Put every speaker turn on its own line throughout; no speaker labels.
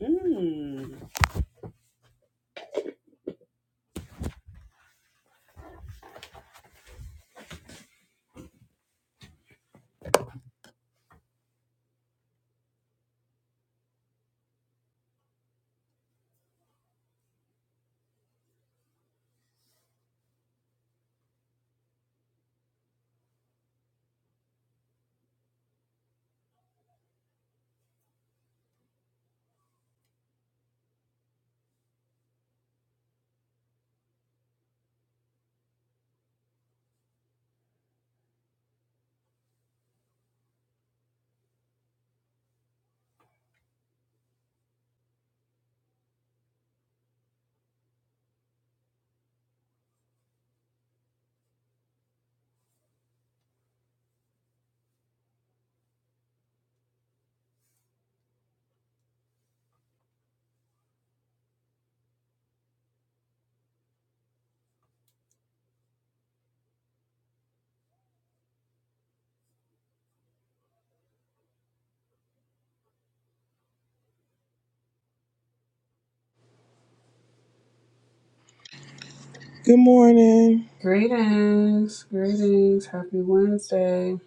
Mm.
Good morning.
Greetings, greetings. Happy Wednesday.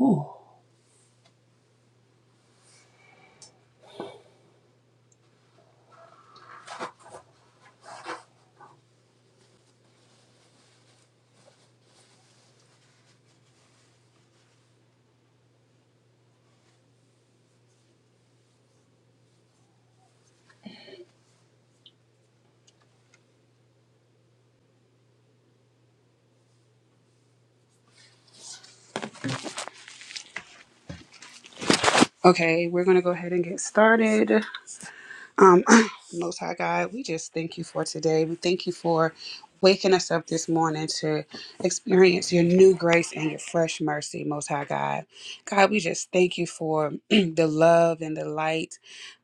Oh, okay. We're gonna go ahead and get started. Um, Most High God, we just thank you for today. We thank you for waking us up this morning to experience your new grace and your fresh mercy, Most High God. God, we just thank you for the love and the light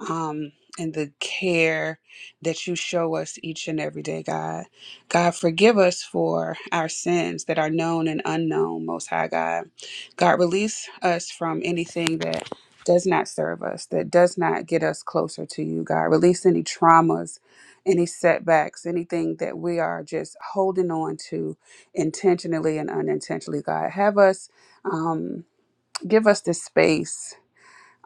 um, and the care that you show us each and every day, God. God, forgive us for our sins that are known and unknown, Most High God. God, release us from anything that does not serve us, that does not get us closer to you, God. Release any traumas, any setbacks, anything that we are just holding on to intentionally and unintentionally, God. Have us, um, give us the space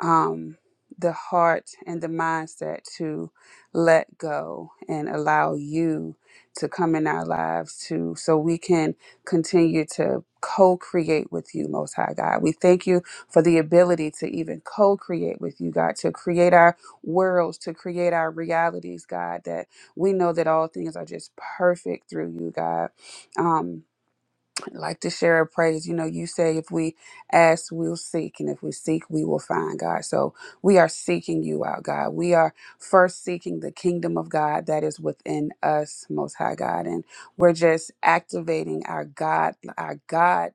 um, the heart and the mindset to let go and allow you to come in our lives to so we can continue to co-create with you most high god we thank you for the ability to even co-create with you god to create our worlds to create our realities god that we know that all things are just perfect through you god um like to share a praise. You know, you say if we ask, we'll seek, and if we seek, we will find God. So we are seeking you out, God. We are first seeking the kingdom of God that is within us, Most High God, and we're just activating our God, our God,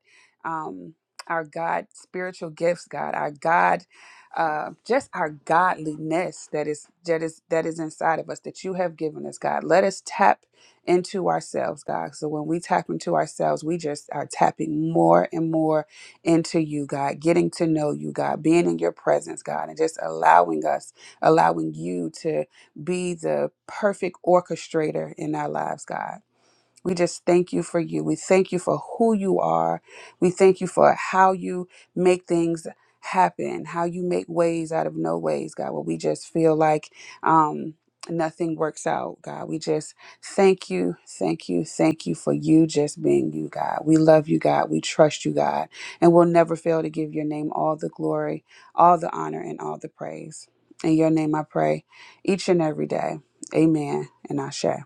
um, our God spiritual gifts, God, our God. Uh, just our godliness that is that is that is inside of us that you have given us god let us tap into ourselves, God. So when we tap into ourselves, we just are tapping more and more into you, God, getting to know you, God, being in your presence, God, and just allowing us, allowing you to be the perfect orchestrator in our lives, God. We just thank you for you. We thank you for who you are. We thank you for how you make things happen, how you make ways out of no ways, God, where we just feel like um, nothing works out, God. We just thank you, thank you, thank you for you just being you, God. We love you, God. We trust you, God. And we'll never fail to give your name all the glory, all the honor, and all the praise. In your name I pray each and every day. Amen and Ashe.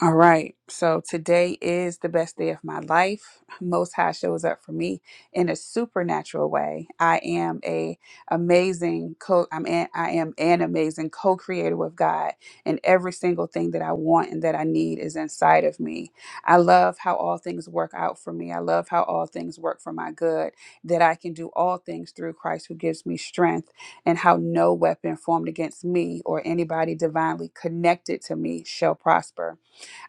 All right. So today is the best day of my life. Most High shows up for me in a supernatural way. I am a amazing co I'm an, I am an amazing co-creator with God, and every single thing that I want and that I need is inside of me. I love how all things work out for me. I love how all things work for my good, that I can do all things through Christ who gives me strength, and how no weapon formed against me or anybody divinely connected to me shall prosper.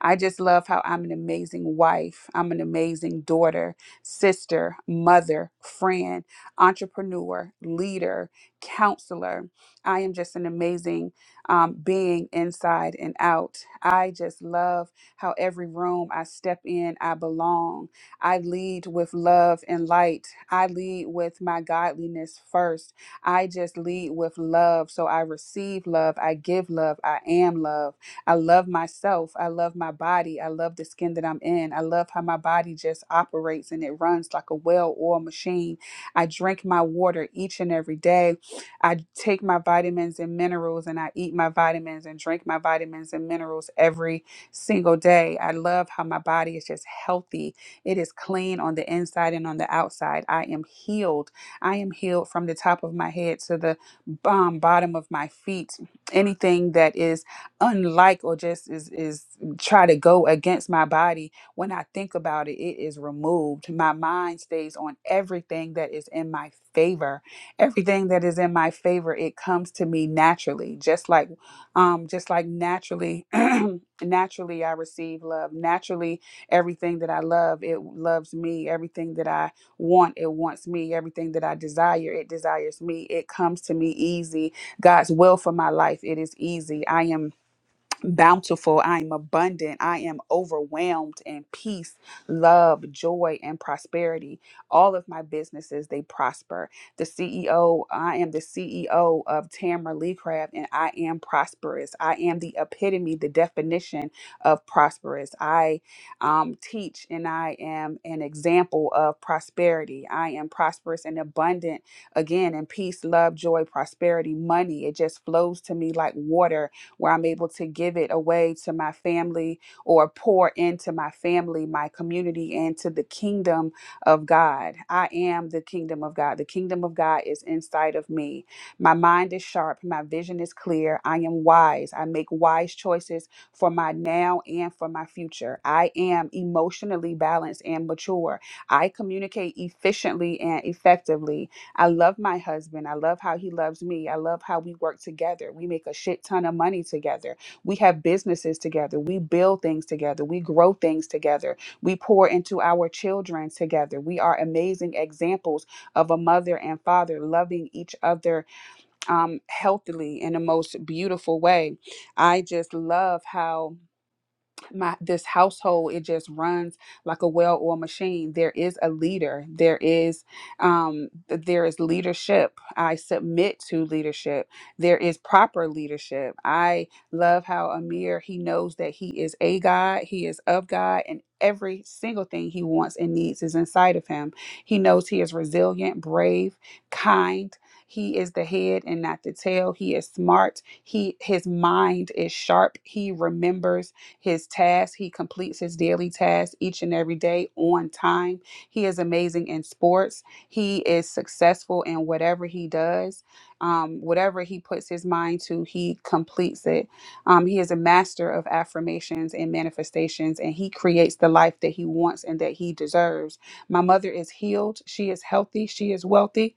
I just love how I'm an amazing wife, I'm an amazing daughter, sister, mother, friend, entrepreneur, leader, counselor. I am just an amazing um, being inside and out. I just love how every room I step in, I belong. I lead with love and light. I lead with my godliness first. I just lead with love. So I receive love, I give love, I am love. I love myself. I love my body. I love the skin that I'm in. I love how my body just operates and it runs like a well oiled machine. I drink my water each and every day. I take my vitamins and minerals and I eat my vitamins and drink my vitamins and minerals every single day. I love how my body is just healthy. It is clean on the inside and on the outside. I am healed. I am healed from the top of my head to the um, bottom of my feet. Anything that is unlike or just is is try to go against my body when i think about it it is removed my mind stays on everything that is in my favor everything that is in my favor it comes to me naturally just like um just like naturally naturally i receive love naturally everything that i love it loves me everything that i want it wants me everything that i desire it desires me it comes to me easy god's will for my life it is easy i am bountiful. I am abundant. I am overwhelmed in peace, love, joy, and prosperity. All of my businesses, they prosper. The CEO, I am the CEO of Tamra Lee Craft, and I am prosperous. I am the epitome, the definition of prosperous. I um, teach and I am an example of prosperity. I am prosperous and abundant again in peace, love, joy, prosperity, money. It just flows to me like water where I'm able to give it away to my family or pour into my family, my community, and to the kingdom of God. I am the kingdom of God. The kingdom of God is inside of me. My mind is sharp. My vision is clear. I am wise. I make wise choices for my now and for my future. I am emotionally balanced and mature. I communicate efficiently and effectively. I love my husband. I love how he loves me. I love how we work together. We make a shit ton of money together. We have businesses together. We build things together. We grow things together. We pour into our children together. We are amazing examples of a mother and father loving each other um, healthily in the most beautiful way. I just love how my this household it just runs like a well-oiled machine there is a leader there is um th- there is leadership i submit to leadership there is proper leadership i love how amir he knows that he is a god he is of god and every single thing he wants and needs is inside of him he knows he is resilient brave kind he is the head and not the tail he is smart he his mind is sharp he remembers his tasks. He completes his daily tasks each and every day on time. He is amazing in sports. He is successful in whatever he does. Um, whatever he puts his mind to, he completes it. Um, he is a master of affirmations and manifestations, and he creates the life that he wants and that he deserves. My mother is healed. She is healthy. She is wealthy.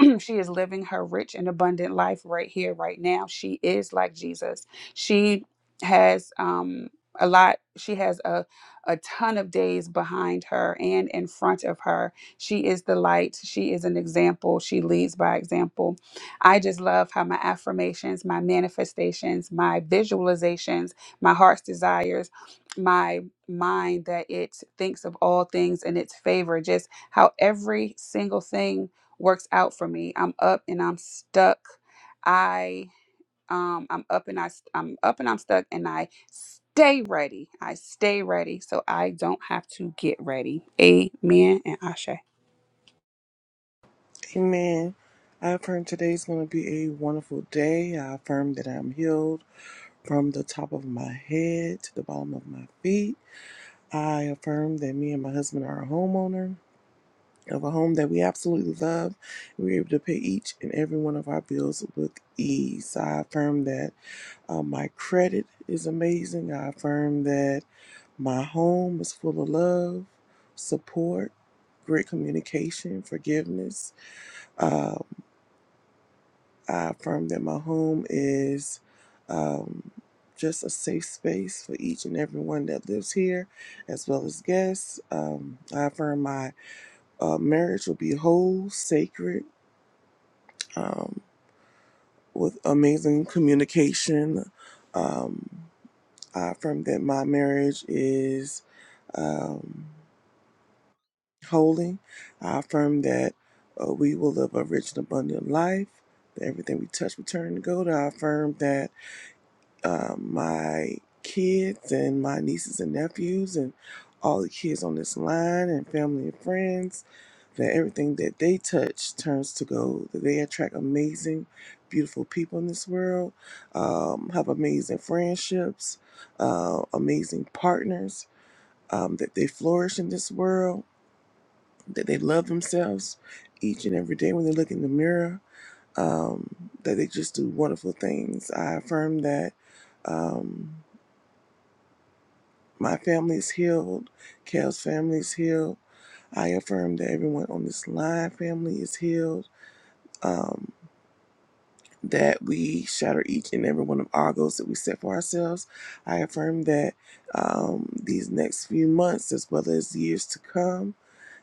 she is living her rich and abundant life right here, right now. She is like Jesus. She has um, a lot. She has a a ton of days behind her and in front of her. She is the light. She is an example. She leads by example. I just love how my affirmations, my manifestations, my visualizations, my heart's desires, my mind that it thinks of all things in its favor. Just how every single thing works out for me. I'm up and I'm stuck. I um I'm up and I st- I'm up and i i am up and i am stuck and I stay ready. I stay ready so I don't have to get ready. Amen and Ashe.
Amen. I affirm today's going to be a wonderful day. I affirm that I'm healed from the top of my head to the bottom of my feet. I affirm that me and my husband are a homeowner of a home that we absolutely love. We're able to pay each and every one of our bills with ease. I affirm that uh, my credit is amazing. I affirm that my home is full of love, support, great communication, forgiveness. Uh, I affirm that my home is um, just a safe space for each and everyone that lives here, as well as guests. Um, I affirm my uh, marriage will be whole, sacred, um, with amazing communication. Um, I affirm that my marriage is um, holy. I affirm that uh, we will live a rich and abundant life. That everything we touch return to gold. I affirm that um, my kids and my nieces and nephews and all the kids on this line and family and friends that everything that they touch turns to gold that they attract amazing beautiful people in this world um, have amazing friendships uh, amazing partners um, that they flourish in this world that they love themselves each and every day when they look in the mirror um, that they just do wonderful things i affirm that um, My family is healed. Kale's family is healed. I affirm that everyone on this line family is healed. Um, that we shatter each and every one of our goals that we set for ourselves. I affirm that um, these next few months, as well as years to come,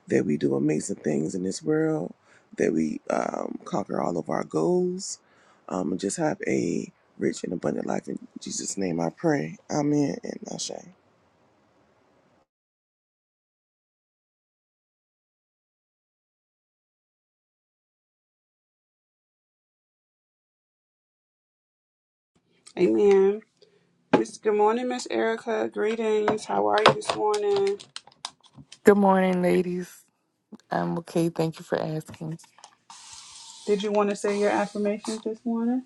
that we do amazing things in this world, that we um, conquer all of our goals, um, and just have a rich and abundant life. In Jesus' name I pray. Amen and Ashe.
Amen. Miss Good morning, Miss Erica. Greetings. How are you this morning?
Good morning, ladies. I'm okay. Thank you for asking.
Did you want to say your affirmations this morning?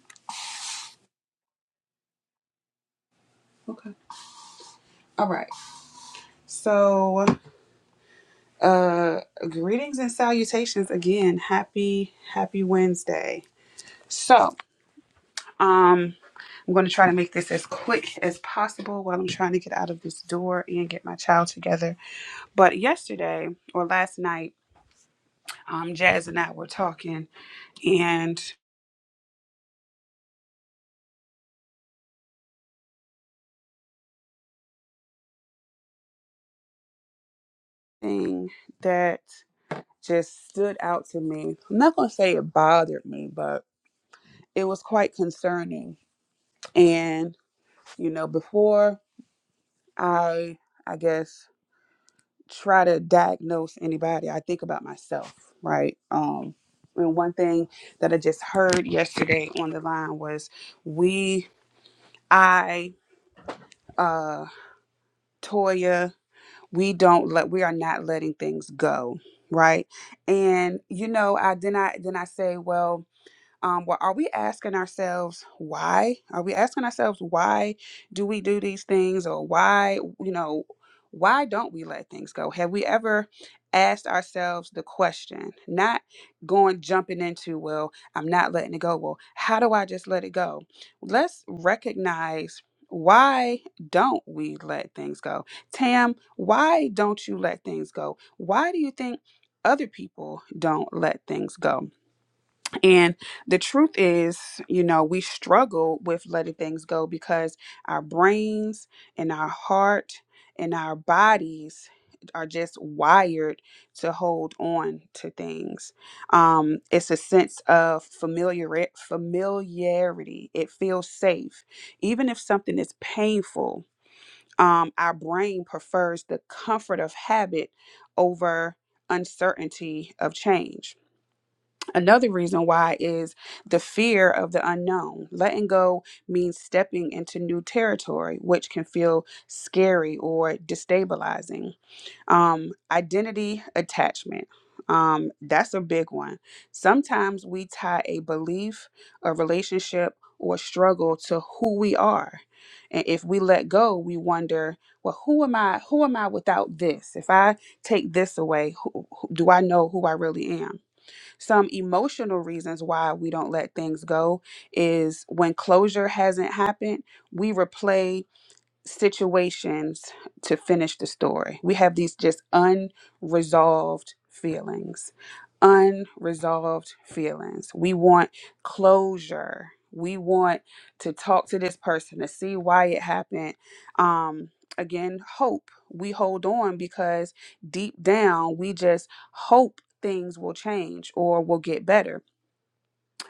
Okay. All right. So, uh greetings and salutations again. Happy happy Wednesday. So, Um, I'm going to try to make this as quick as possible while I'm trying to get out of this door and get my child together. But yesterday or last night, um, Jazz and I were talking, and thing that just stood out to me. I'm not going to say it bothered me, but it was quite concerning. And you know, before I, I guess try to diagnose anybody. I think about myself, right? Um, and one thing that I just heard yesterday on the line was we, I, uh, Toya, we don't let, we are not letting things go, right? And you know, I then I then I say, well, um, well, are we asking ourselves why? Are we asking ourselves why do we do these things or why, you know, why don't we let things go? Have we ever asked ourselves the question, not going jumping into, well, I'm not letting it go. Well, how do I just let it go? Let's recognize why don't we let things go? Tam, why don't you let things go? Why do you think other people don't let things go? And the truth is, you know, we struggle with letting things go because our brains and our heart and our bodies are just wired to hold on to things. Um, it's a sense of familiar familiarity. It feels safe, even if something is painful. Um, our brain prefers the comfort of habit over uncertainty of change Another reason why is the fear of the unknown. Letting go means stepping into new territory, which can feel scary or destabilizing. Um, identity attachment. Um, that's a big one. Sometimes we tie a belief, a relationship, or struggle to who we are. And if we let go, we wonder, well, who am I? Who am I without this? If I take this away, who, who, do I know who I really am? Some emotional reasons why we don't let things go is when closure hasn't happened, we replay situations to finish the story. We have these just unresolved feelings. Unresolved feelings. We want closure. We want to talk to this person to see why it happened. Um, again, hope. We hold on because deep down we just hope things will change or will get better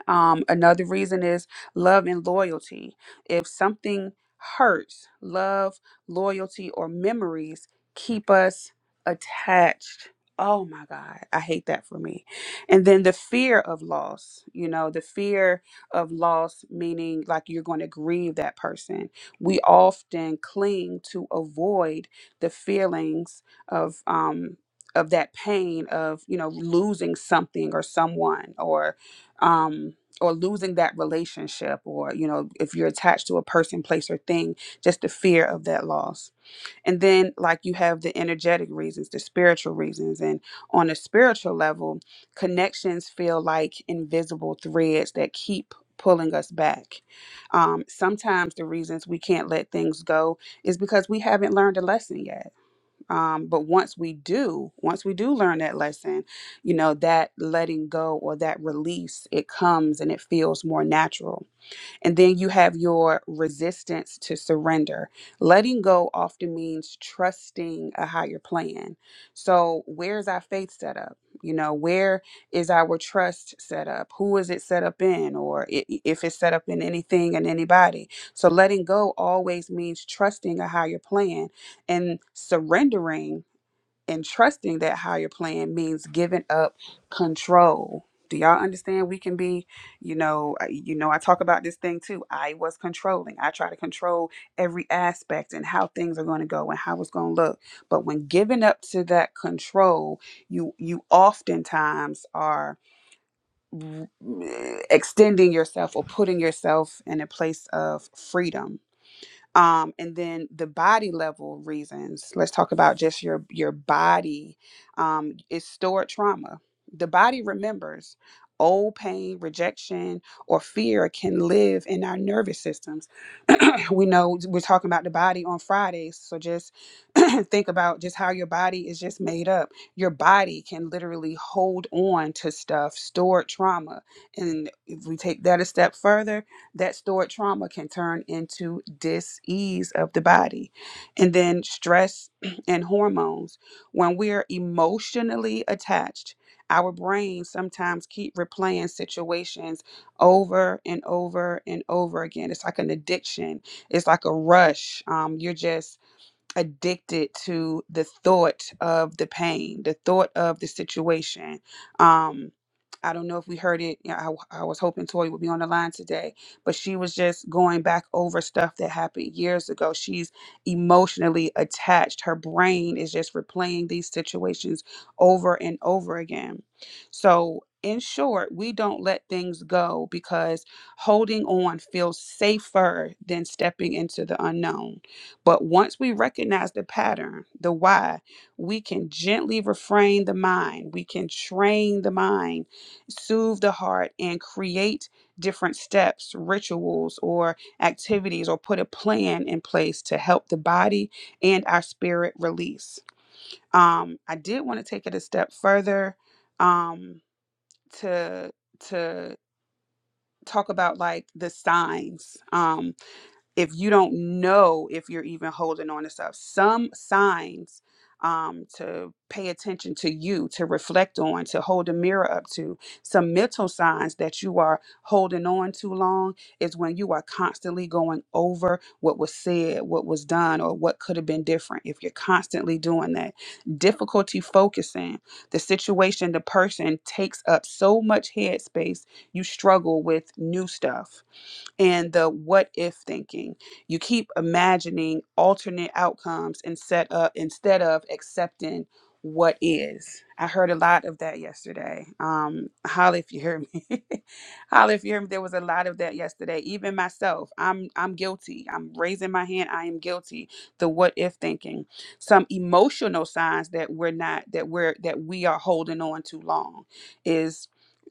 um, another reason is love and loyalty. If something hurts, love, loyalty, or memories keep us attached. Oh my God, I hate that for me. And then the fear of loss, you know, the fear of loss, meaning like you're going to grieve that person. We often cling to avoid the feelings of, um, of that pain of you know losing something or someone or um or losing that relationship or you know if you're attached to a person place or thing just the fear of that loss and then like you have the energetic reasons the spiritual reasons and on a spiritual level connections feel like invisible threads that keep pulling us back um, sometimes the reasons we can't let things go is because we haven't learned a lesson yet um, but once we do, once we do learn that lesson, you know, that letting go or that release, it comes and it feels more natural and then you have your resistance to surrender. Letting go often means trusting a higher plan. So, where's our faith set up? You know, where is our trust set up? Who is it set up in? Or i- i- if it's set up in anything and anybody. So, letting go always means trusting a higher plan and surrendering and trusting that higher plan means giving up control. Do y'all understand? We can be, you know, I- you know. I talk about this thing too. I was controlling. I try to control every aspect and how things are going to go and how it's going to look. But when giving up to that control, you you oftentimes are mm, extending yourself or putting yourself in a place of freedom um, and then the body level reasons let's talk about just your your body um, is stored trauma the body remembers old pain rejection or fear can live in our nervous systems we know we're talking about the body on fridays so just think about just how your body is just made up your body can literally hold on to stuff stored trauma and if we take that a step further that stored trauma can turn into dis-ease of the body and then stress and hormones when we're emotionally attached our brains sometimes keep replaying situations over and over and over again it's like an addiction it's like a rush um, you're just addicted to the thought of the pain, the thought of the situation. Um, I don't know if we heard it. You know, I, I was hoping Tori would be on the line today, but she was just going back over stuff that happened years ago. She's emotionally attached. Her brain is just replaying these situations over and over again. So, in short, we don't let things go because holding on feels safer than stepping into the unknown but once we recognize the pattern, the why, we can gently refrain the mind. We can train the mind, soothe the heart, and create different steps, rituals, or activities, or put a plan in place to help the body and our spirit release. Um, I did want to take it a step further um, to to talk about like the signs. Um, if you don't know if you're even holding on to stuff some signs um, to pay attention to you to reflect on to hold a mirror up to some mental signs that you are holding on too long is when you are constantly going over what was said what was done or what could have been different if you're constantly doing that difficulty focusing the situation the person takes up so much headspace you struggle with new stuff and the what if thinking. You keep imagining alternate outcomes and set up instead of accepting what is. I heard a lot of that yesterday. Um, holla if you hear me. holla if you hear me. There was a lot of that yesterday. Even myself, I'm I'm guilty. I'm raising my hand. I am guilty. The what if thinking. Some emotional signs that we're not that we're that we are holding on too long is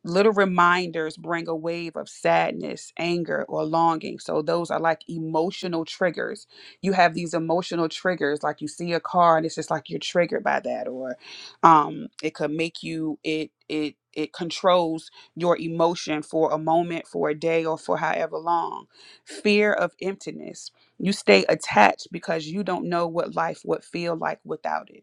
Little reminders bring a wave of sadness, anger, or longing. So, those are like emotional triggers. You have these emotional triggers, like you see a car and it's just like you're triggered by that, or um, it could make you, it, it, it controls your emotion for a moment, for a day, or for however long. Fear of emptiness. You stay attached because you don't know what life would feel like without it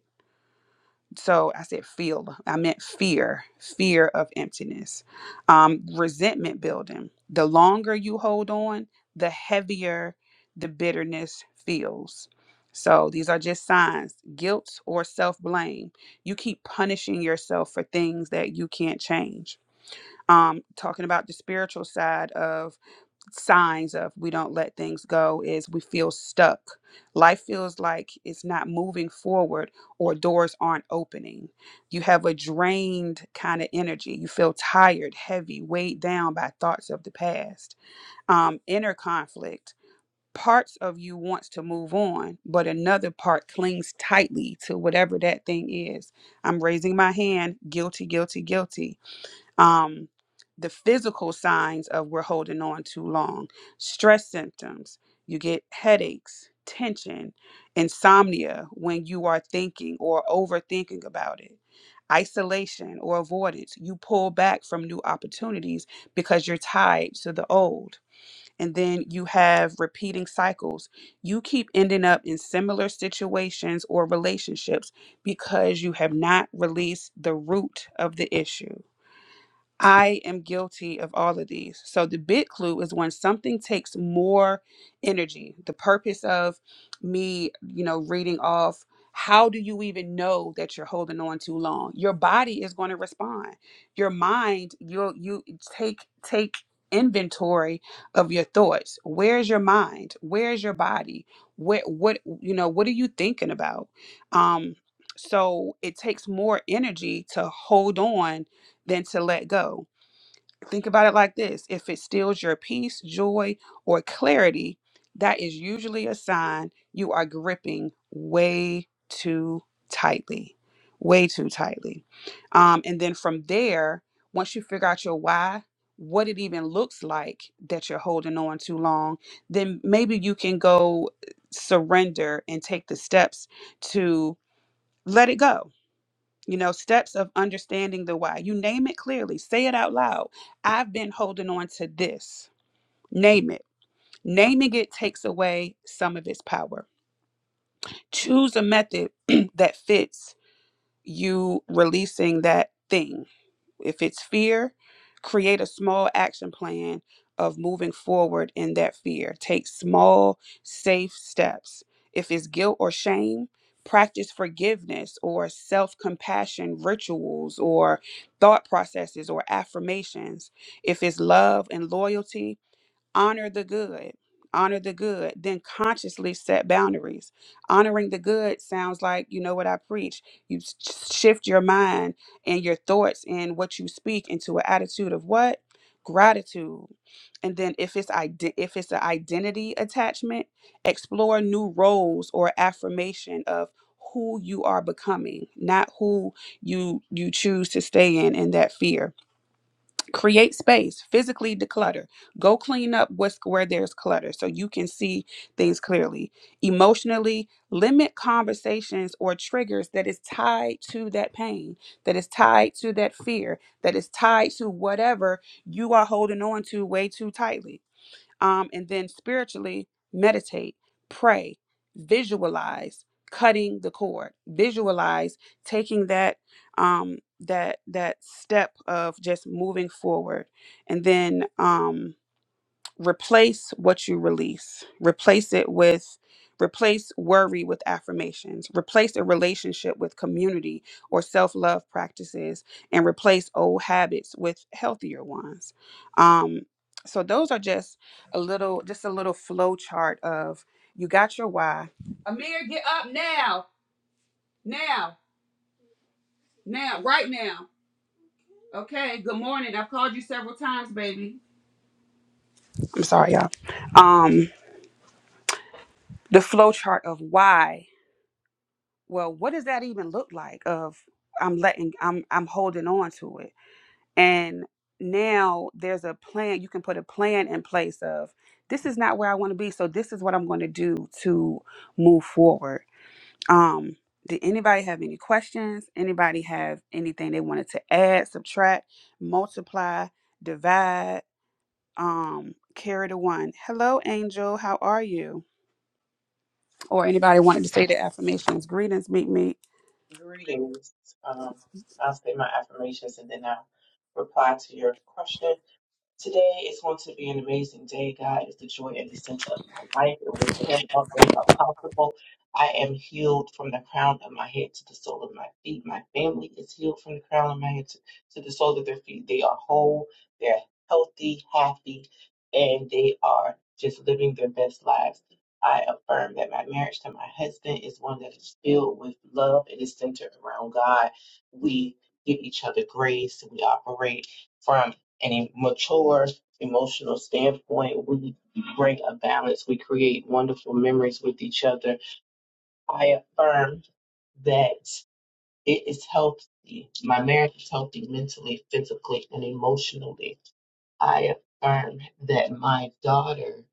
so I said feel. I meant fear, fear of emptiness. Um, resentment building. The longer you hold on, the heavier the bitterness feels. So these are just signs, guilt or self blame. You keep punishing yourself for things that you can't change. Um, talking about the spiritual side of signs of we don't let things go is we feel stuck. Life feels like it's not moving forward or doors aren't opening. You have a drained kind of energy. You feel tired, heavy, weighed down by thoughts of the past, um, inner conflict. Parts of you wants to move on, but another part clings tightly to whatever that thing is. I'm raising my hand, guilty, guilty, guilty um, the physical signs of we're holding on too long stress symptoms you get headaches tension insomnia when you are thinking or overthinking about it isolation or avoidance you pull back from new opportunities because you're tied to the old and then you have repeating cycles you keep ending up in similar situations or relationships because you have not released the root of the issue I am guilty of all of these. So the big clue is when something takes more energy. The purpose of me, you know, reading off how do you even know that you're holding on too long? Your body is going to respond. Your mind, you you take take inventory of your thoughts. Where's your mind? Where's your body? What what you know, what are you thinking about? Um so it takes more energy to hold on than to let go. Think about it like this if it steals your peace, joy, or clarity, that is usually a sign you are gripping way too tightly, way too tightly. Um, and then from there, once you figure out your why, what it even looks like that you're holding on too long, then maybe you can go uh, surrender and take the steps to let it go you know, steps of understanding the why. You name it clearly, say it out loud. I've been holding on to this. Name it. Naming it takes away some of its power. Choose a method that fits you releasing that thing if it's fear, create a small action plan of moving forward in that fear. Take small, safe steps. If it's guilt or shame, practice forgiveness or self compassion rituals or thought processes or affirmations. If it's love and loyalty, honor the good honor the good then consciously set boundaries honoring the good sounds like you know what i preach you s- shift your mind and your thoughts and what you speak into an attitude of what gratitude and then if it's ide- if it's an identity attachment explore new roles or affirmation of who you are becoming not who you you choose to stay in in that fear create space physically declutter go clean up what's where there's clutter so you can see things clearly emotionally limit conversations or triggers that is tied to that pain that is tied to that fear that is tied to whatever you are holding on to way too tightly um, and then spiritually, meditate, pray, visualize cutting the cord, visualize taking that um, that that step of just moving forward, and then. Um, replace what you release replace it with replace worry with affirmations replace a relationship with community or self-love practices and replace old habits with healthier ones um so those are just a little just a little flow chart of you got your why amir get up now now now right now okay good morning i've called you several times baby i'm sorry y'all um the flow chart of why well what does that even look like of i'm letting i'm i'm holding on to it and now there's a plan you can put a plan in place of this is not where i want to be so this is what i'm going to do to move forward um did anybody have any questions anybody have anything they wanted to add subtract multiply divide um carry the one hello angel how are you or anybody wanted to say the affirmations greetings meet me
Greetings. Um, I'll say my affirmations and then I'll reply to your question. Today is going to be an amazing day. God is the joy and the center of my life, and with Him, all things are possible. I am healed from the crown of my head to the sole of my feet. My family is healed from the crown of my head to, to the sole of their feet. They are whole, they're healthy, happy, and they are just living their best lives. I affirm that my marriage to my husband is one that is filled with love. It is centered around God. We give each other grace. We operate from and a mature emotional standpoint, we bring a balance. We create wonderful memories with each other. I affirm that it is healthy. My marriage is healthy mentally, physically, and emotionally. I affirm that my daughter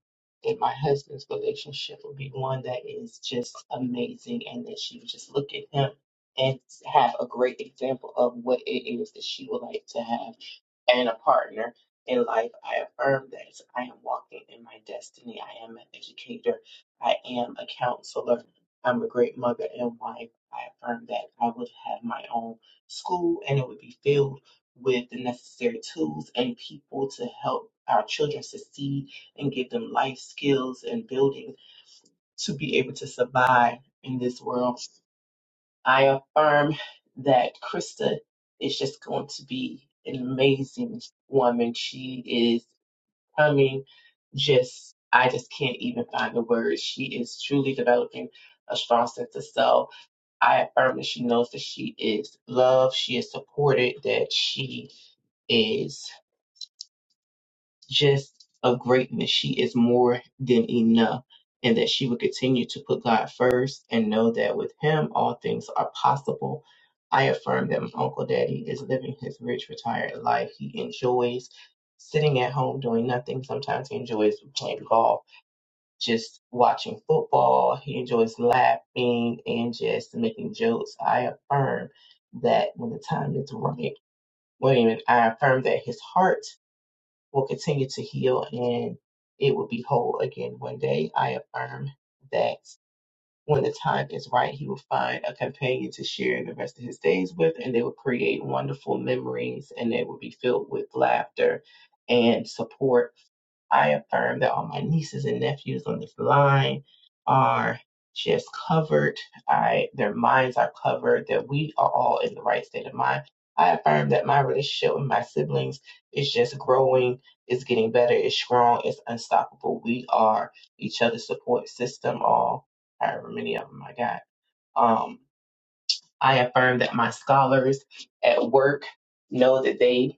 and my husband's relationship will be one that is just amazing and that she would just look at him and have a great example of what it is that she would like to have and a partner in life. I affirm that I am walking in my destiny. I am an educator. I am a counselor. I'm a great mother and wife. I affirm that I would have my own school and it would be filled with the necessary tools and people to help our children succeed and give them life skills and building to be able to survive in this world. I affirm that Krista is just going to be an amazing woman. She is coming just I just can't even find the words. She is truly developing a strong sense of self. I affirm that she knows that she is loved, she is supported, that she is. just of greatness. She is more than enough. And that she would continue to put God first and know that with Him, all things are possible. I affirm that my Uncle Daddy is living his rich, retired life. He enjoys sitting at home doing nothing. Sometimes he enjoys playing golf, just watching football. He enjoys laughing and just making jokes. I affirm that when the time is right, William, I affirm that his heart will continue to heal and it will be whole again one day. I affirm that when the time is right, he will find a companion to share the rest of his days with, and they will create wonderful memories and they will be filled with laughter and support I affirm that all my nieces and nephews on this line are just covered. I their minds are covered, that we are all in the right state of mind. I affirm that my relationship with my siblings is just growing, it's getting better, it's strong, it's unstoppable. We are each other's support system, all however many of them I got. Um I affirm that my scholars at work know that they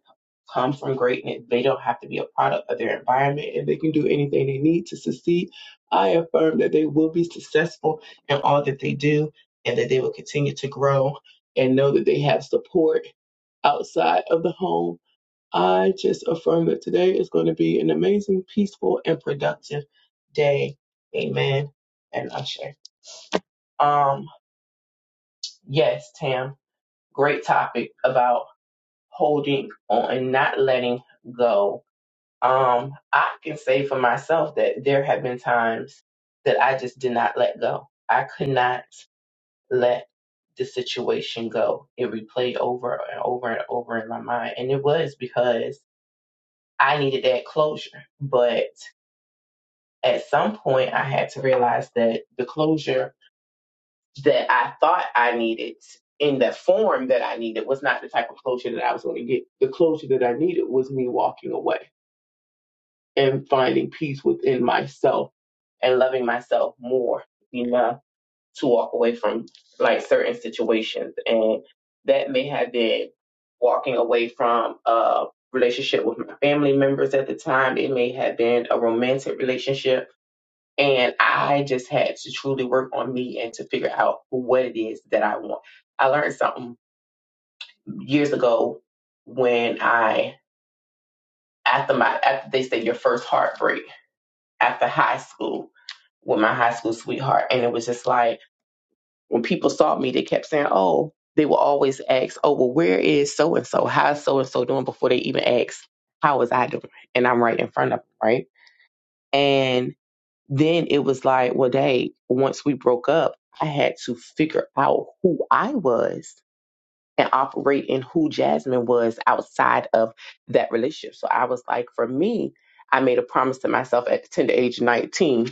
come from greatness. They don't have to be a product of their environment and they can do anything they need to succeed. I affirm that they will be successful in all that they do and that they will continue to grow and know that they have support outside of the home. I just affirm that today is going to be an amazing, peaceful, and productive day. Amen. And Usher. Um, yes, Tam, great topic about. holding on and not letting go. Um, I can say for myself that there have been times that I just did not let go. I could not let the situation go. It replayed over and over and over in my mind. And it was because I needed that closure. But at some point, I had to realize that the closure that I thought I needed in the form that I needed was not the type of closure that I was going to get. The closure that I needed was me walking away and finding peace within myself and loving myself more enough to walk away from like certain situations. And that may have been walking away from a relationship with my family members at the time. It may have been a romantic relationship. And I just had to truly work on me and to figure out what it is that I want. I learned something years ago when I, after my, after they say your first heartbreak after high school with my high school sweetheart. And it was just like when people saw me, they kept saying, Oh, they will always ask, Oh, well, where is so and so? How's so and so doing before they even ask, How was I doing? And I'm right in front of them, right? And then it was like, Well, they, once we broke up, I had to figure out who I was and operate in who Jasmine was outside of that relationship. So I was like, for me, I made a promise to myself at the tender age of 19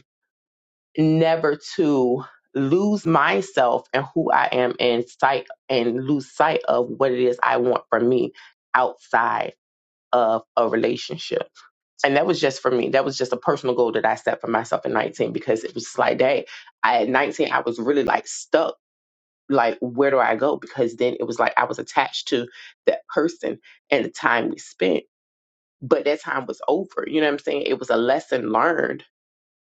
never to lose myself and who I am in sight and lose sight of what it is I want from me outside of a relationship. And that was just for me. That was just a personal goal that I set for myself at 19 because it was just like, hey, I at 19 I was really like stuck. Like, where do I go? Because then it was like I was attached to that person and the time we spent. But that time was over. You know what I'm saying? It was a lesson learned,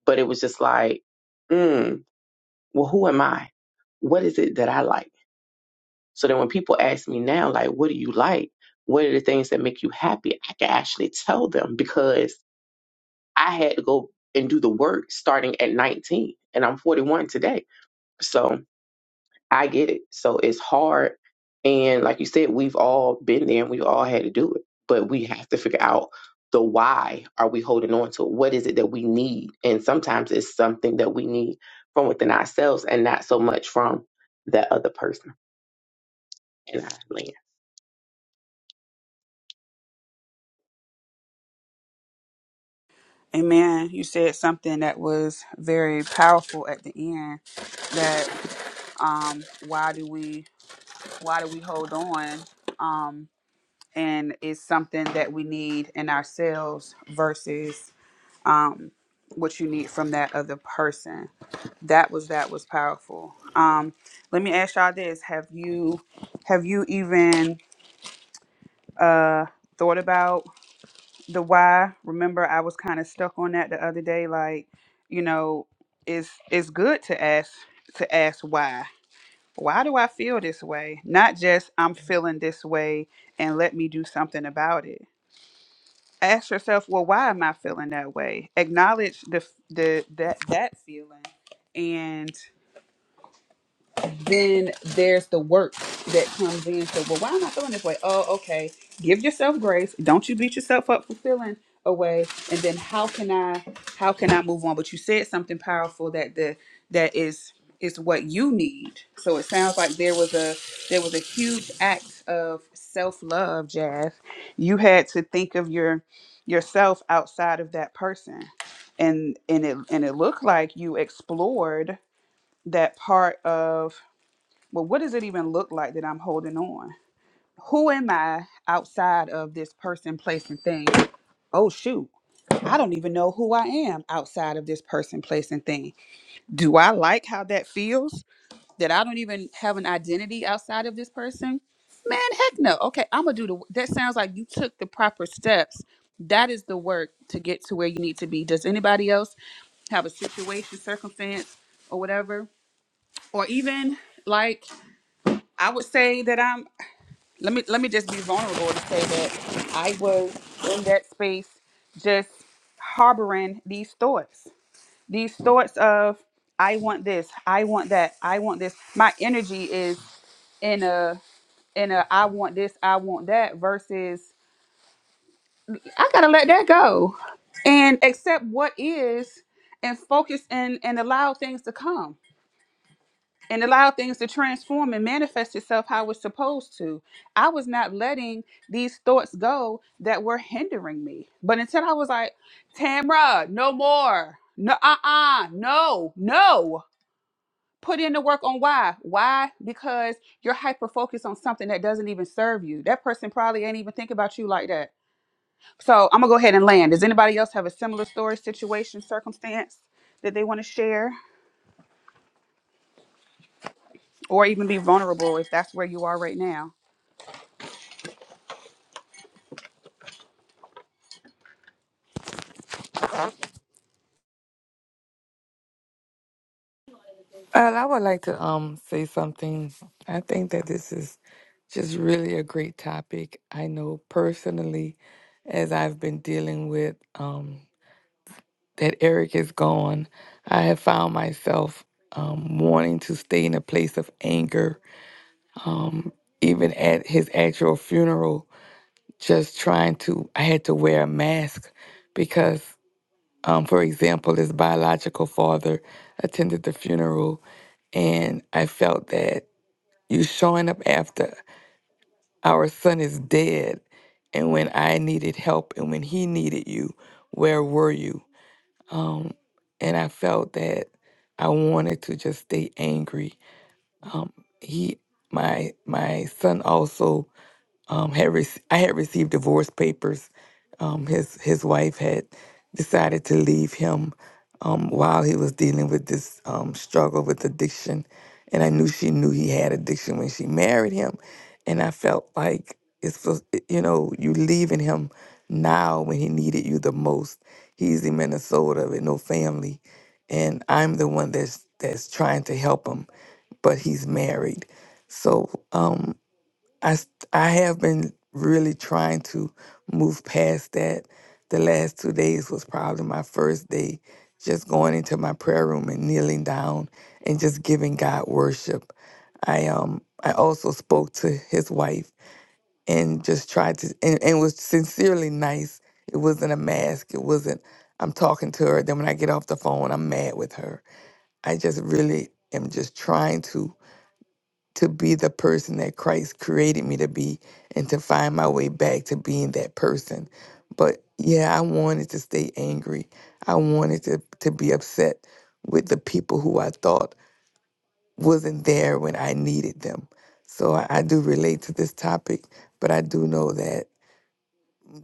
but it was just like, mm well, who am I? What is it that I like? So that when people ask me now, like, what do you like? What are the things that make you happy? I can actually tell them because I had to go and do the work starting at 19 and I'm 41 today. So I get it. So it's hard. And like you said, we've all been there and we've all had to do it. But we have to figure out the why are we holding on to? it? What is it that we need? And sometimes it's something that we need from within ourselves and not so much from that other person And I land.
Amen. You said something that was very powerful at the end. That um, why do we why do we hold on? Um, and it's something that we need in ourselves versus um, what you need from that other person. That was that was powerful. Um, let me ask y'all this: Have you have you even uh, thought about the why remember i was kind of stuck on that the other day like you know it's it's good to ask to ask why why do i feel this way not just i'm feeling this way and let me do something about it ask yourself well why am i feeling that way acknowledge the the that that feeling and then there's the work that comes in. So, well, why am I feeling this way? Oh, okay. Give yourself grace. Don't you beat yourself up for feeling a way. And then how can I how can I move on? But you said something powerful that the that is is what you need. So it sounds like there was a there was a huge act of self love, Jazz. You had to think of your yourself outside of that person. And and it and it looked like you explored that part of well, what does it even look like that I'm holding on? Who am I outside of this person, place, and thing? Oh, shoot. I don't even know who I am outside of this person, place, and thing. Do I like how that feels that I don't even have an identity outside of this person? Man, heck no. Okay, I'm going to do the. That sounds like you took the proper steps. That is the work to get to where you need to be. Does anybody else have a situation, circumstance, or whatever? Or even like I would say that I'm. let me let me just be vulnerable to say that I was in that space just harboring these thoughts. These thoughts of I want this, I want that, I want this. My energy is in a in a I want this, I want that versus I gotta let that go and accept what is and focus and and allow things to come. and allow things to transform and manifest itself how it's supposed to. I was not letting these thoughts go that were hindering me. But until I was like, Tamra, no more. No, uh uh, no, no. Put in the work on why. Why? Because you're hyper focused on something that doesn't even serve you. That person probably ain't even think about you like that. So I'm gonna go ahead and land. Does anybody else have a similar story, situation, circumstance that they want to share or even be vulnerable if that's where you are right now?
And I would like to um say something. I think that this is just really a great topic. I know personally, as I've been dealing with um that Eric is gone, I have found myself um wanting to stay in a place of anger. Um even at his actual funeral, just trying to I had to wear a mask because Um, for example, his biological father attended the funeral, and I felt that you showing up after our son is dead, and when I needed help and when he needed you, where were you? Um, and I felt that I wanted to just stay angry. Um, he, my my son also um, had rec- I had received divorce papers. Um, his his wife had decided to leave him um, while he was dealing with this um, struggle with addiction, and I knew she knew he had addiction when she married him, and I felt like it's supposed- you know you leaving him now when he needed you the most. He's in Minnesota with no family, and I'm the one that's that's trying to help him, but he's married. So um, I s- I have been really trying to move past that. The last two days was probably my first day just going into my prayer room and kneeling down and just giving God worship. I um I also spoke to his wife and just tried to and, and was sincerely nice. It wasn't a mask. It wasn't I'm talking to her. Then when I get off the phone, I'm mad with her. I just really am just trying to to be the person that Christ created me to be and to find my way back to being that person. But yeah, I wanted to stay angry. I wanted to, to be upset with the people who I thought wasn't there when I needed them. So I, I do relate to this topic, but I do know that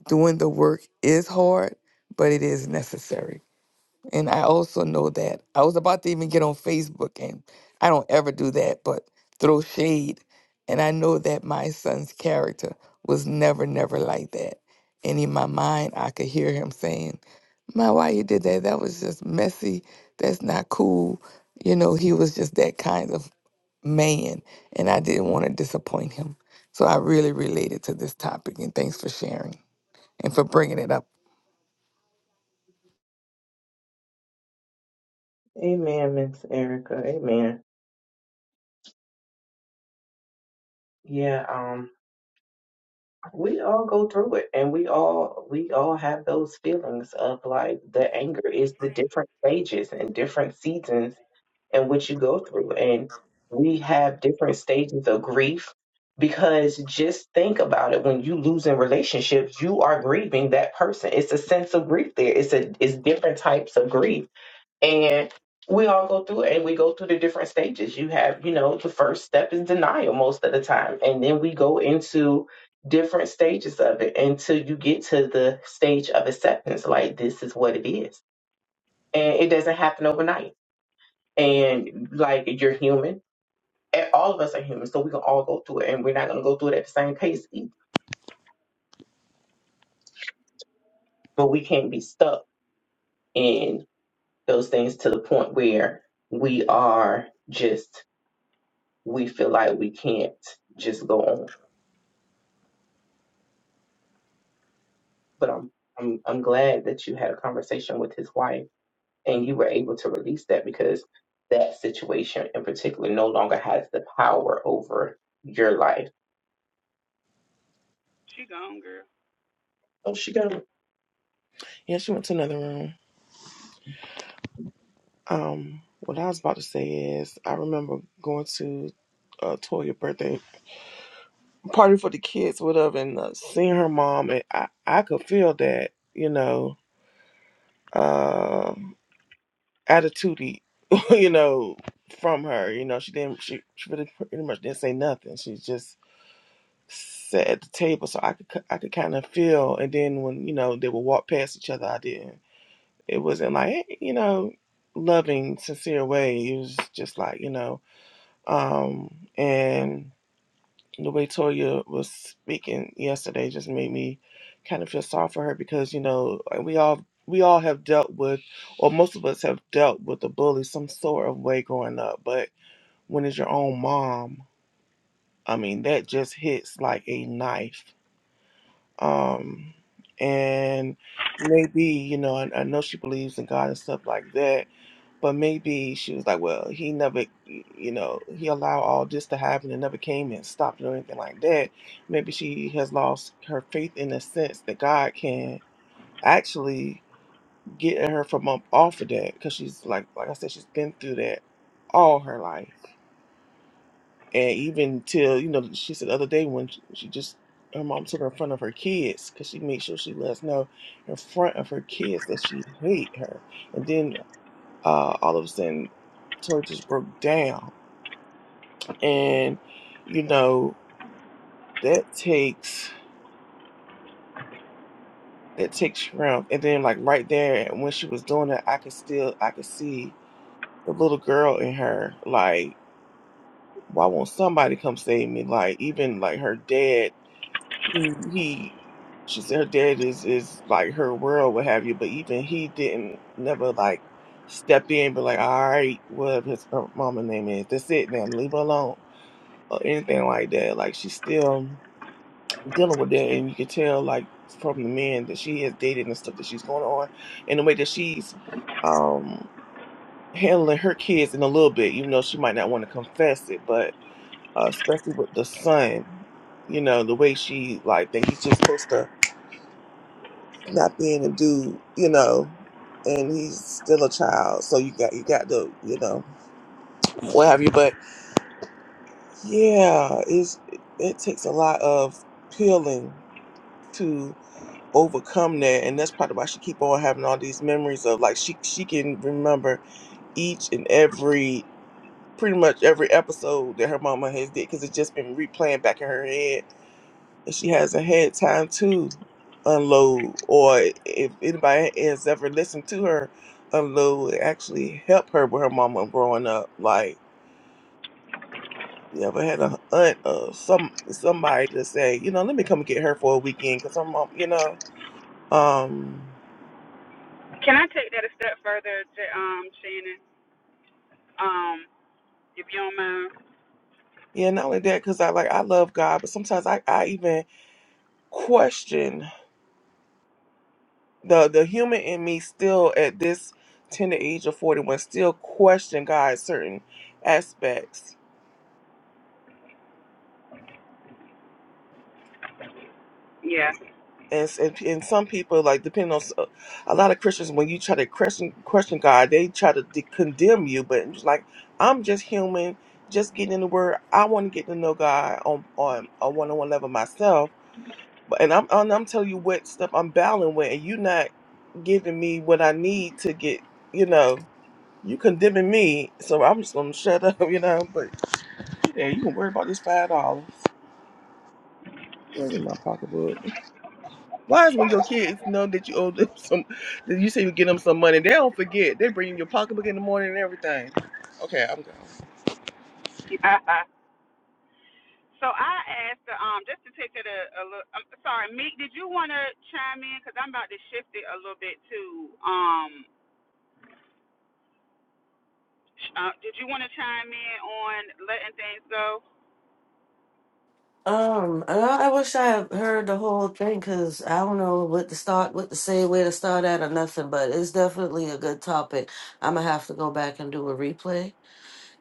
doing the work is hard, but it is necessary. And I also know that I was about to even get on Facebook, and I don't ever do that, but throw shade. And I know that my son's character was never, never like that. And in my mind, I could hear him saying, My, why you did that? That was just messy. That's not cool. You know, he was just that kind of man, and I didn't want to disappoint him. So I really related to this topic, and thanks for sharing and for bringing it up.
Amen, Miss Erica. Amen. Yeah. we all go through it and we all we all have those feelings of like the anger is the different stages and different seasons in which you go through and we have different stages of grief because just think about it when you lose in relationships you are grieving that person it's a sense of grief there it's a it's different types of grief and we all go through it and we go through the different stages. You have, you know, the first step is denial most of the time. And then we go into different stages of it until you get to the stage of acceptance. Like, this is what it is. And it doesn't happen overnight. And like, you're human. And all of us are human. So we can all go through it. And we're not going to go through it at the same pace either. But we can't be stuck in those things to the point where we are just, we feel like we can't just go on but I'm I'm I'm glad that you had a conversation with his wife and you were able to release that because that situation in particular no longer has the power over your life.
She gone, girl.
Oh, she got it.
Yeah, she went to another room. Um, what I was about to say is, I remember going to uh, Toya's birthday party for the kids, whatever, and uh, seeing her mom, and I, I could feel that, you know, uh, attitude, you know, from her. You know, she didn't, she, she really pretty much didn't say nothing. She just sat at the table, so I could, ki- I could kind of feel. And then when you know they would walk past each other, I didn't. It wasn't like, hey, you know, loving, sincere way. It was just like, you know Um, and the way Toya was speaking yesterday just made me kind of feel sorry for her because you know like, we all we all have dealt with, or most of us have dealt with a bully some sort of way growing up. But when it's your own mom, I mean that just hits like a knife. Um, and maybe you know I, I know she believes in God and stuff like that, but maybe she was like, well, he never, you know, he allowed all this to happen and never came and stopped it or anything like that. Maybe she has lost her faith in the sense that God can actually get her from up off of that because she's like, like I said, she's been through that all her life. And even till, you know, she said the other day when she, she just, her mom took her in front of her kids because she made sure she let us know in front of her kids that she hate her. And then uh, all of a sudden Tori just broke down, and you know that takes that takes strength. And then like right there when she was doing it, I could still I could see the little girl in her like, why won't somebody come save me? Like even like her dad, Mhm. he she said her dad is is like her world, what have you. But even he didn't never like step in, but like all right, whatever his uh, mama name is, that's it now, leave her alone or anything like that. Like she's still dealing with that, and you can tell like from the men that she has dated and stuff that she's going on, and the way that she's um handling her kids in a little bit, even though she might not want to confess it, but uh, especially with the son, you know, the way she like that he's just supposed to not be in and do, you know. And he's still a child, so you got you got to you know what have you. But yeah, it's it takes a lot of peeling to. overcome that and that's probably why she keep on having all these memories of like she she can remember each and every pretty much every episode that her mama has did because it's just been replaying back in her head and she hasn't had time to unload or if anybody has ever listened to her unload it actually helped her with her mama growing up like you ever had a aunt or some somebody to say you know let me come get her for a weekend because her mom you know um
Can I take that a step further, um, Shannon? Um, if you don't mind.
Yeah, not only that, because I like I love God, but sometimes I, I even question the the human in me still at this tender age of forty one still question God certain aspects. And, s- and and some people like depending on s- uh, a lot of Christians when you try to question question God they try to de- condemn you but it's like I'm just human just getting in the Word I want to get to know God on on a one on one level myself But- And I'm and I'm telling you what stuff I'm battling with, and you not giving me what I need to get. You know, you condemning me, so I'm just gonna shut up. You know, but yeah, you can worry about this five dollars in my pocketbook. Why is when your kids know that you owe them some, that you say you give them some money, they don't forget. They bring your pocketbook in the morning and everything. Okay, I'm gone.
so I asked, her, um, just to take that a, a little. I'm sorry, Meek. Did you want to chime in? Cause I'm about to shift it a little bit too. Um, uh, did you want to chime in on letting things go?
Um, I, I wish I had heard the whole thing because I don't know what to start, what to say, where to start at, or nothing. But it's definitely a good topic. I'm gonna have to go back and do a replay.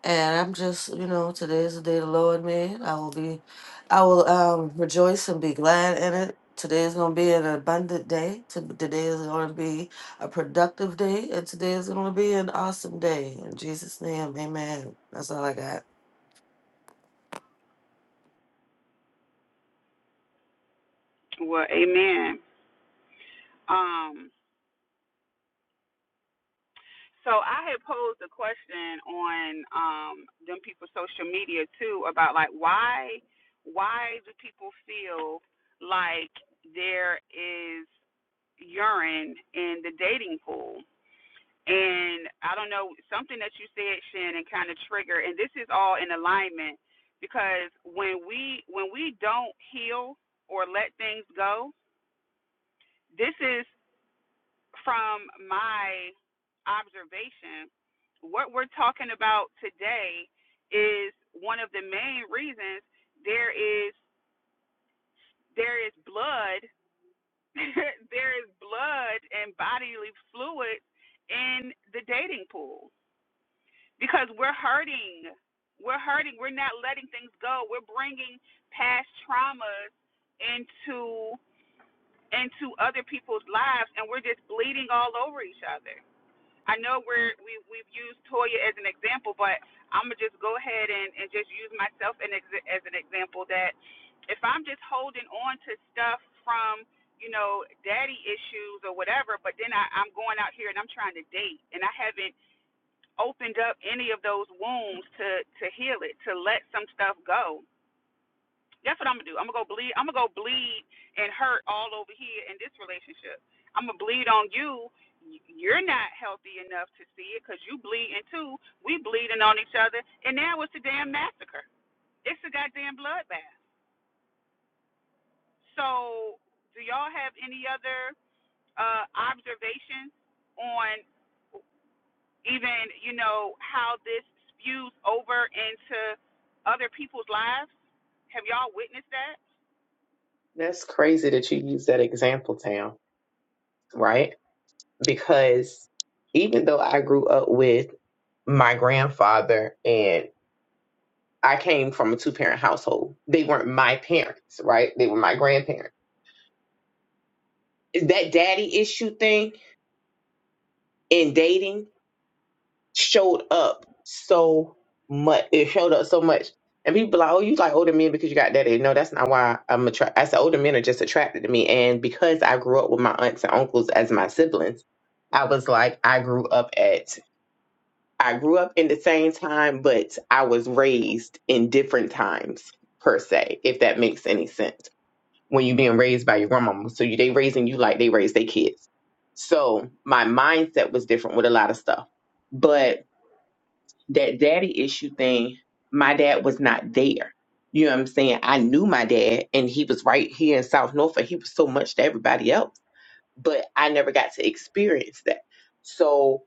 And I'm just, you know, today is the day the Lord made. I will be, I will um rejoice and be glad in it. Today is gonna be an abundant day. To- Today is gonna be a productive day, and today is gonna be an awesome day. In Jesus' name, Amen. That's all I got.
Well, amen. Um, So I had posed a question on um them people's social media too about like why why do people feel like there is urine in the dating pool? And I don't know something that you said, Shannon, kind of triggered. and this is all in alignment because when we when we don't heal or let things go, this is from my observation what we're talking about today is one of the main reasons there is there is blood there is blood and bodily fluids in the dating pool because we're hurting we're hurting we're not letting things go we're bringing past traumas into into other people's lives and we're just bleeding all over each other I know we're we we've used Toya as an example, but I'm gonna just go ahead and and just use myself an ex- as an example that if I'm just holding on to stuff from you know daddy issues or whatever, but then I, I'm going out here and I'm trying to date and I haven't opened up any of those wounds to to heal it, to let some stuff go that's what I'm gonna do. I'm gonna go bleed. I'm gonna go bleed and hurt all over here in this relationship. I'm gonna bleed on you. You're not healthy enough to see it because you bleeding too. We bleeding on each other, and now it's a damn massacre. It's a goddamn bloodbath. So, do y'all have any other uh, observations on even you know how this spews over into other people's lives? Have y'all witnessed that?
That's crazy that you use that example, Tam. Right? Because even though I grew up with my grandfather and I came from a two parent household, they weren't my parents, right? They were my grandparents. Is that daddy issue thing in dating? showed up so much. It showed up so much. And people like, oh, you like older men because you got daddy. No, that's not why I'm attracted. I said older men are just attracted to me. And because I grew up with my aunts and uncles as my siblings, I was like, I grew up at, I grew up in the same time, but I was raised in different times per se, if that makes any sense. When you are being raised by your grandmama, so you they raising you like they raised their kids. So my mindset was different with a lot of stuff, but that daddy issue thing, my dad was not there. You know what I'm saying? I knew my dad and he was right here in South Norfolk. He was so much to everybody else, but I never got to experience that. So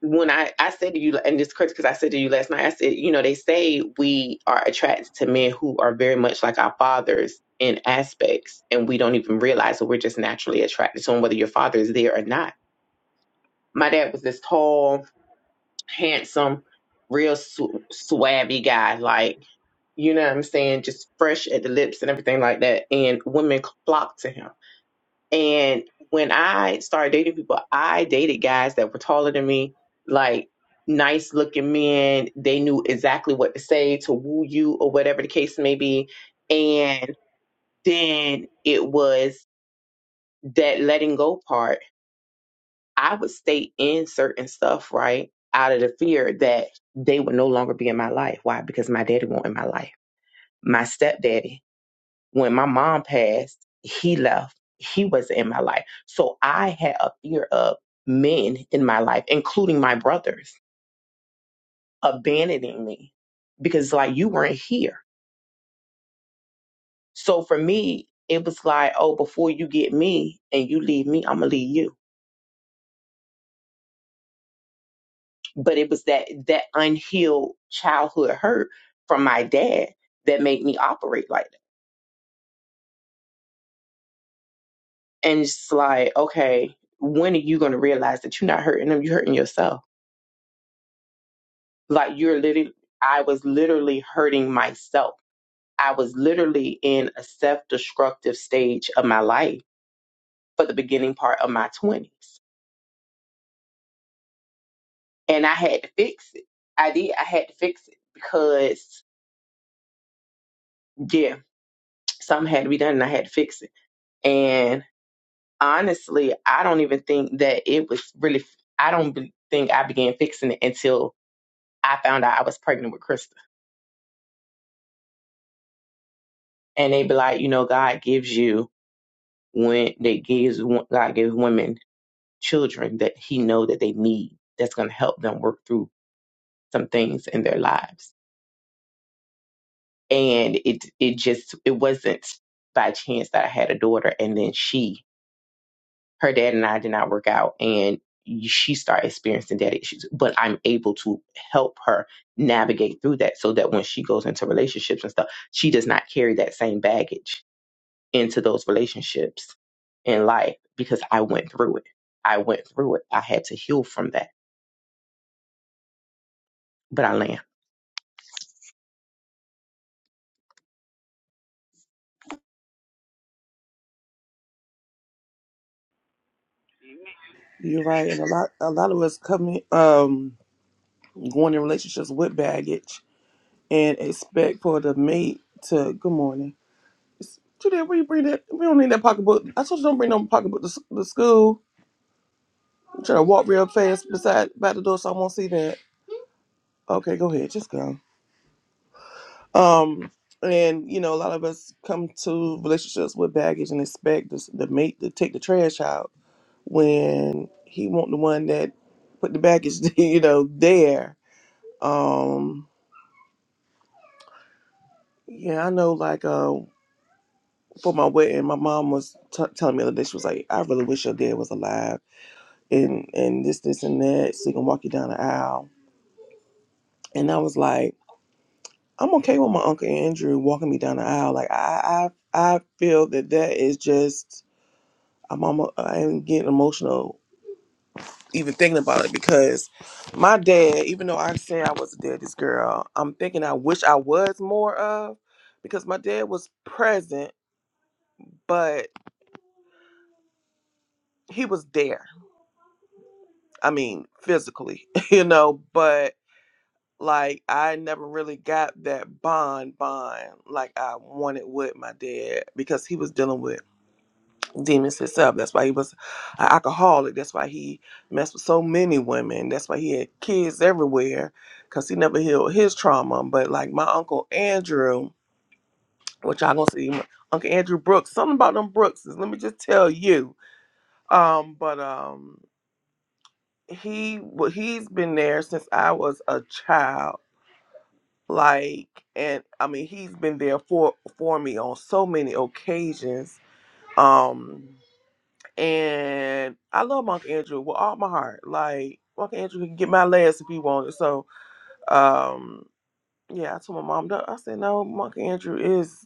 when I, I said to you, and this crazy because I said to you last night, I said, you know, they say we are attracted to men who are very much like our fathers in aspects, and we don't even realize that we're just naturally attracted to them, whether your father is there or not. My dad was this tall, handsome, real su- swabby guy. Like, you know what I'm saying? Just fresh at the lips and everything like that. And women flocked to him. And when I started dating people, I dated guys that were taller than me, like nice looking men. They knew exactly what to say to woo you or whatever the case may be. And then it was that letting go part I would stay in certain stuff, right? Out of the fear that they would no longer be in my life. Why? Because my daddy wasn't in my life. My stepdaddy, when my mom passed, he left. He wasn't in my life. So I had a fear of men in my life, including my brothers, abandoning me because like you weren't here. So for me, it was like, oh, before you get me and you leave me, I'm gonna leave you but it was that that unhealed childhood hurt from my dad that made me operate like that. And it's like, okay, when are you going to realize that you're not hurting them? You're hurting yourself. Like you're literally, I was literally hurting myself. I was literally in a self-destructive stage of my life for the beginning part of my twenties, and I had to fix it. I did. I had to fix it because yeah, something had to be done, and I had to fix it. And honestly, I don't even think that it was really. I don't be- think I began fixing it until I found out I was pregnant with Krista. And they be like, you know, God gives you when they gives wo- God gives women children that He know that they need. That's going to help them work through some things in their lives. And it it just it wasn't by chance that I had a daughter, and then she her dad and I did not work out and she started experiencing daddy issues, but I'm able to help her navigate through that so that when she goes into relationships and stuff, she does not carry that same baggage into those relationships in life because I went through it. I went through it. I had to heal from that, but I land.
You're right, and a lot a lot of us coming um going in relationships with baggage and expect for the mate to good morning. Today we bring that. We don't need that pocketbook. I told you don't bring no pocketbook to, s- to school. I'm trying to walk real fast beside by the door, so I won't see that. Okay, go ahead, just go. Um, and you know, a lot of us come to relationships with baggage and expect this, the mate to take the trash out when he want the one that put the baggage, you know, there. Um, yeah, I know. Like, uh, for my wedding, my mom was t- telling me the other day. She was like, "I really wish your dad was alive." and and this, this, and that, so you can walk you down the aisle. And I was like, I'm okay with my uncle Andrew walking me down the aisle. Like I I I feel that that is just I'm almost, I'm getting emotional even thinking about it because my dad, even though I say I was a daddy's girl, I'm thinking I wish I was more of because my dad was present, but he was there. I mean, physically, you know, but Like I never really got that bond bond like I wanted with my dad because he was dealing with demons himself. That's why he was an alcoholic. That's why he messed with so many women. That's why he had kids everywhere because he never healed his trauma. But like my uncle Andrew, which y'all gonna see, my Uncle Andrew Brooks. Something about them Brookses. Let me just tell you. Um, but um, he wa- he's been there since I was a child like and i mean he's been there for for me on so many occasions um and i love monk andrew with all my heart like monk andrew can get my last if he wanted so um yeah i told my mom no i said no monk andrew is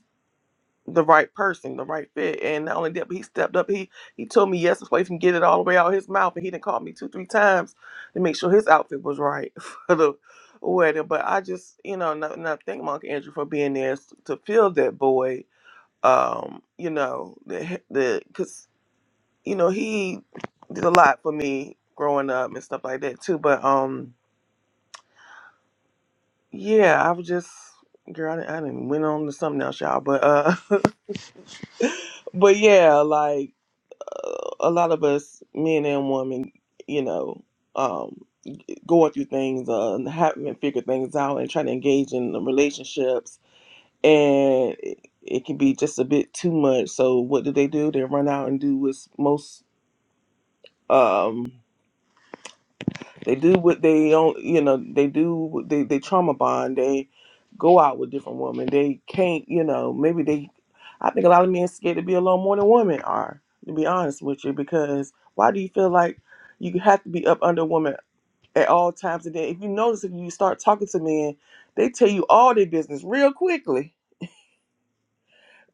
the right person, the right fit. And not only that, but he stepped up. He he told me yes to place and get it all the way out his mouth. And he didn't call me two, three times to make sure his outfit was right for the wedding. But I just, you know, not, not thank Monk Andrew for being there s- to fill that void. Um, you know, the the because you know he did a lot for me growing up and stuff like that too. But um, yeah, I was just girl. I didn't, I didn't went on to something else, y'all. But uh, but yeah, like. a lot of us, men and women, you know, um, going through things, uh, and haven't figured things out, and trying to engage in the relationships, and it, it can be just a bit too much. So, what do they do? They run out and do what's most. Um, They do what they don't, you know, they do, what they, they trauma bond. They go out with different women. They can't, you know, maybe they, I think a lot of men scared to be alone more than women are, to be honest with you, because why do you feel like you have to be up under a woman at all times? And then if you notice, if you start talking to men, they tell you all their business real quickly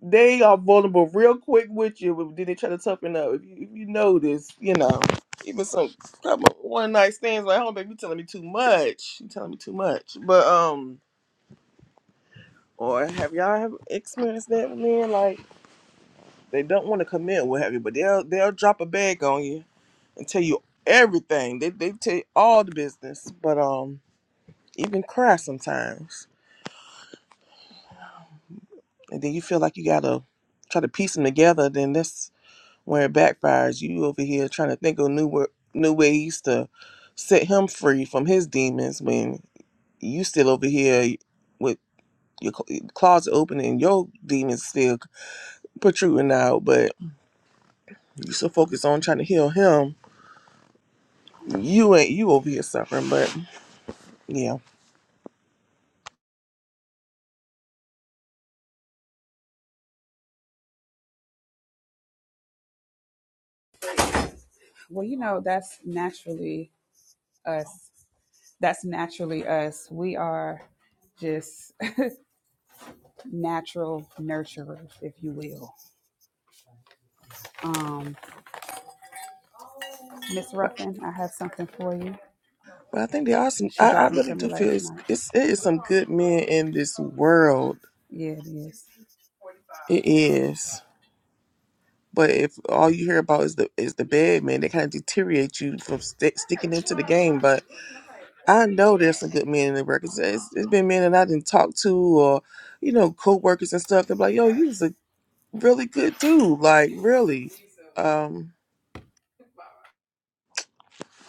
they are vulnerable real quick with you, but then they try to toughen up. If you, if you notice, you know, even some one night stands like, hold on, you telling me too much. You telling me too much. But um, or have y'all have experienced that with men? Like they don't want to commit, what have you? But they'll they'll drop a bag on you and tell you everything. They they tell you all the business, but um, even cry sometimes, and then you feel like you gotta try to piece them together. Then that's where it backfires. You over here trying to think of new wa- new ways to set him free from his demons when you still over here with your cl- closet open and your demons still protruding out. But you so focused on trying to heal him, you ain't you over here suffering. But yeah.
Well, you know, that's naturally us. That's naturally us. We are just natural nurturers, if you will. Um, Miss
But,
Ruffin, I have something for you.
but I think there are some.
She
I, I
dropped them to
really
me
do feel
last
it's,
night.
it's it is some good men in this world.
Yeah, it is.
It is. But if all you hear about is the is the bad man, they kind of deteriorate you from sti sticking into the game. But I know there's some good men in the records. It's, it's been men that I didn't talk to, or you know, co-workers and stuff. They're like, "Yo, you was a really good dude. Like, really." Um,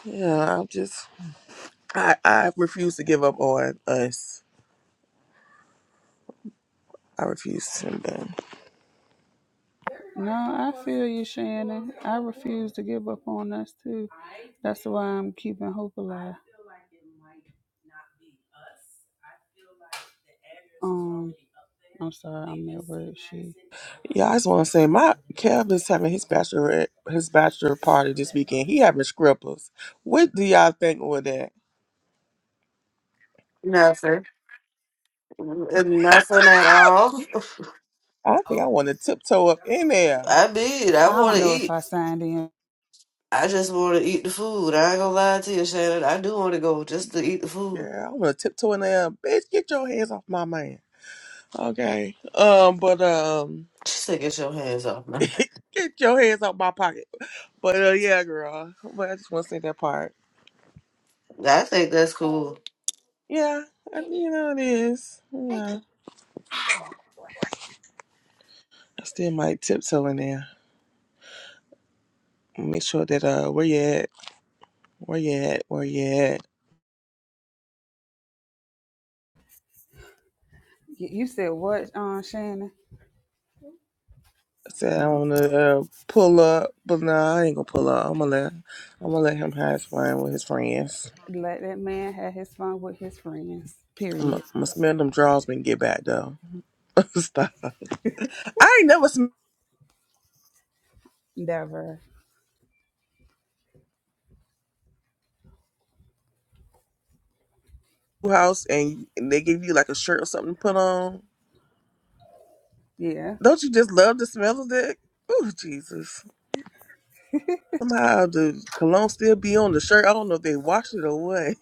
yeah, I'm just I I refuse to give up on us. I refuse. and then
No, I feel you, Shannon. I refuse to give up on us too. That's why I'm keeping hope alive. Um, I'm sorry, I'm at work. She.
yeah, I just want to say my Kev is having his bachelor his bachelor party this weekend. He having strippers. What do y'all think with that?
Nothing, nothing at all.
I think I want to tiptoe up in there.
I did. I
I
want
don't
to
know if
eat.
I signed in.
I just want to eat the food. I ain't gonna lie to you, Shannon. I do want to go just to eat the food.
Yeah, I want to tiptoe in there. Bitch, get your hands off my man. Okay. Um, but um,
Just to get your hands off me.
get your hands off my pocket. But uh, yeah, girl. But I just want to say that part.
I think that's cool.
Yeah, I, you know it is. Yeah, I still might tiptoe in there. Make sure that uh, where you at? Where you at? Where you at?
You you said what, um, Shannon?
I said
I'm
I
on the
want
phone.
to uh, pull up, but nah, I ain't gonna pull up. I'm gonna let I'm gonna let him have his fun with his friends.
Let that man have his fun with his friends.
I'm
Period.
gonna smell them drawers when you get back though. Stop. I ain't never smelled
Never.
your house and and they give you like a shirt or something to put on.
Yeah.
Don't you just love the smell of that? Oh Jesus. Somehow the cologne still be on the shirt. I don't know if they washed it or what.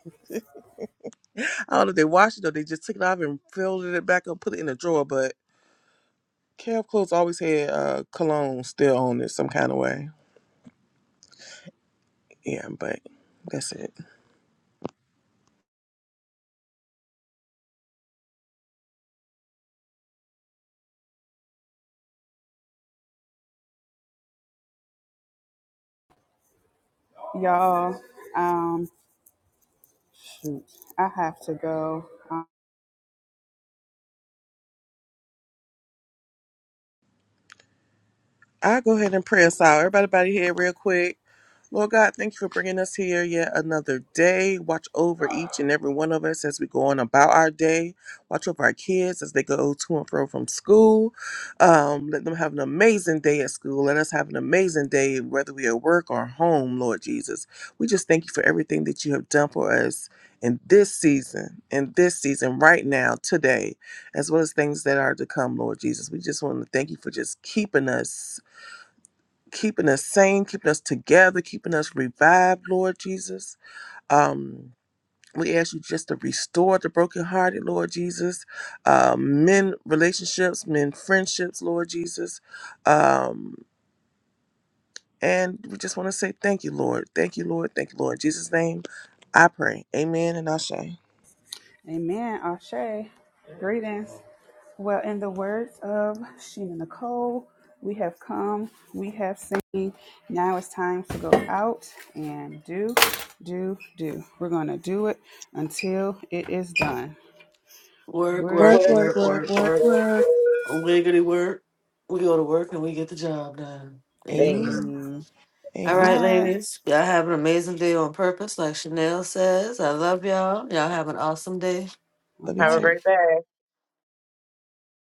I don't know if they washed it or they just took it off and folded it back up, put it in a drawer. But Calf Clothes always had uh, cologne still on it some kind of way. Yeah, but that's it.
Y'all, um, shoot. I have to go.
i go ahead and pray us out. Everybody, everybody here real quick. Lord God, thank you for bringing us here yet another day. Watch over each and every one of us as we go on about our day. Watch over our kids as they go to and fro from school. Um, let them have an amazing day at school. Let us have an amazing day, whether we are at work or home, Lord Jesus. We just thank you for everything that you have done for us in this season, in this season, right now, today, as well as things that are to come, Lord Jesus. We just want to thank you for just keeping us keeping us sane, keeping us together, keeping us revived, Lord Jesus. Um, we ask you just to restore the brokenhearted, Lord Jesus. Uh, men relationships, men friendships, Lord Jesus. Um, and we just want to say thank you, Lord. Thank you, Lord. Thank you, Lord. In Jesus' name, I pray. Amen and Ashe.
Amen. Ashe. Greetings. Well, in the words of Sheena Nicole, we have come, we have seen. Now it's time to go out and do, do, do. We're going to do it until it is done.
Work,
Work.
work,
Work, work,
work,
work,
work,
work,
work.
work.
Wiggity work. We go to work and we get the job done. Amen.
Amen.
Mm,
All
All
Amen.
right,
right.
ladies. Y'all have an amazing day on purpose, like Chanel says. I love y'all. Y'all have an awesome day.
All
Let me
Have a
tell
right.
great day.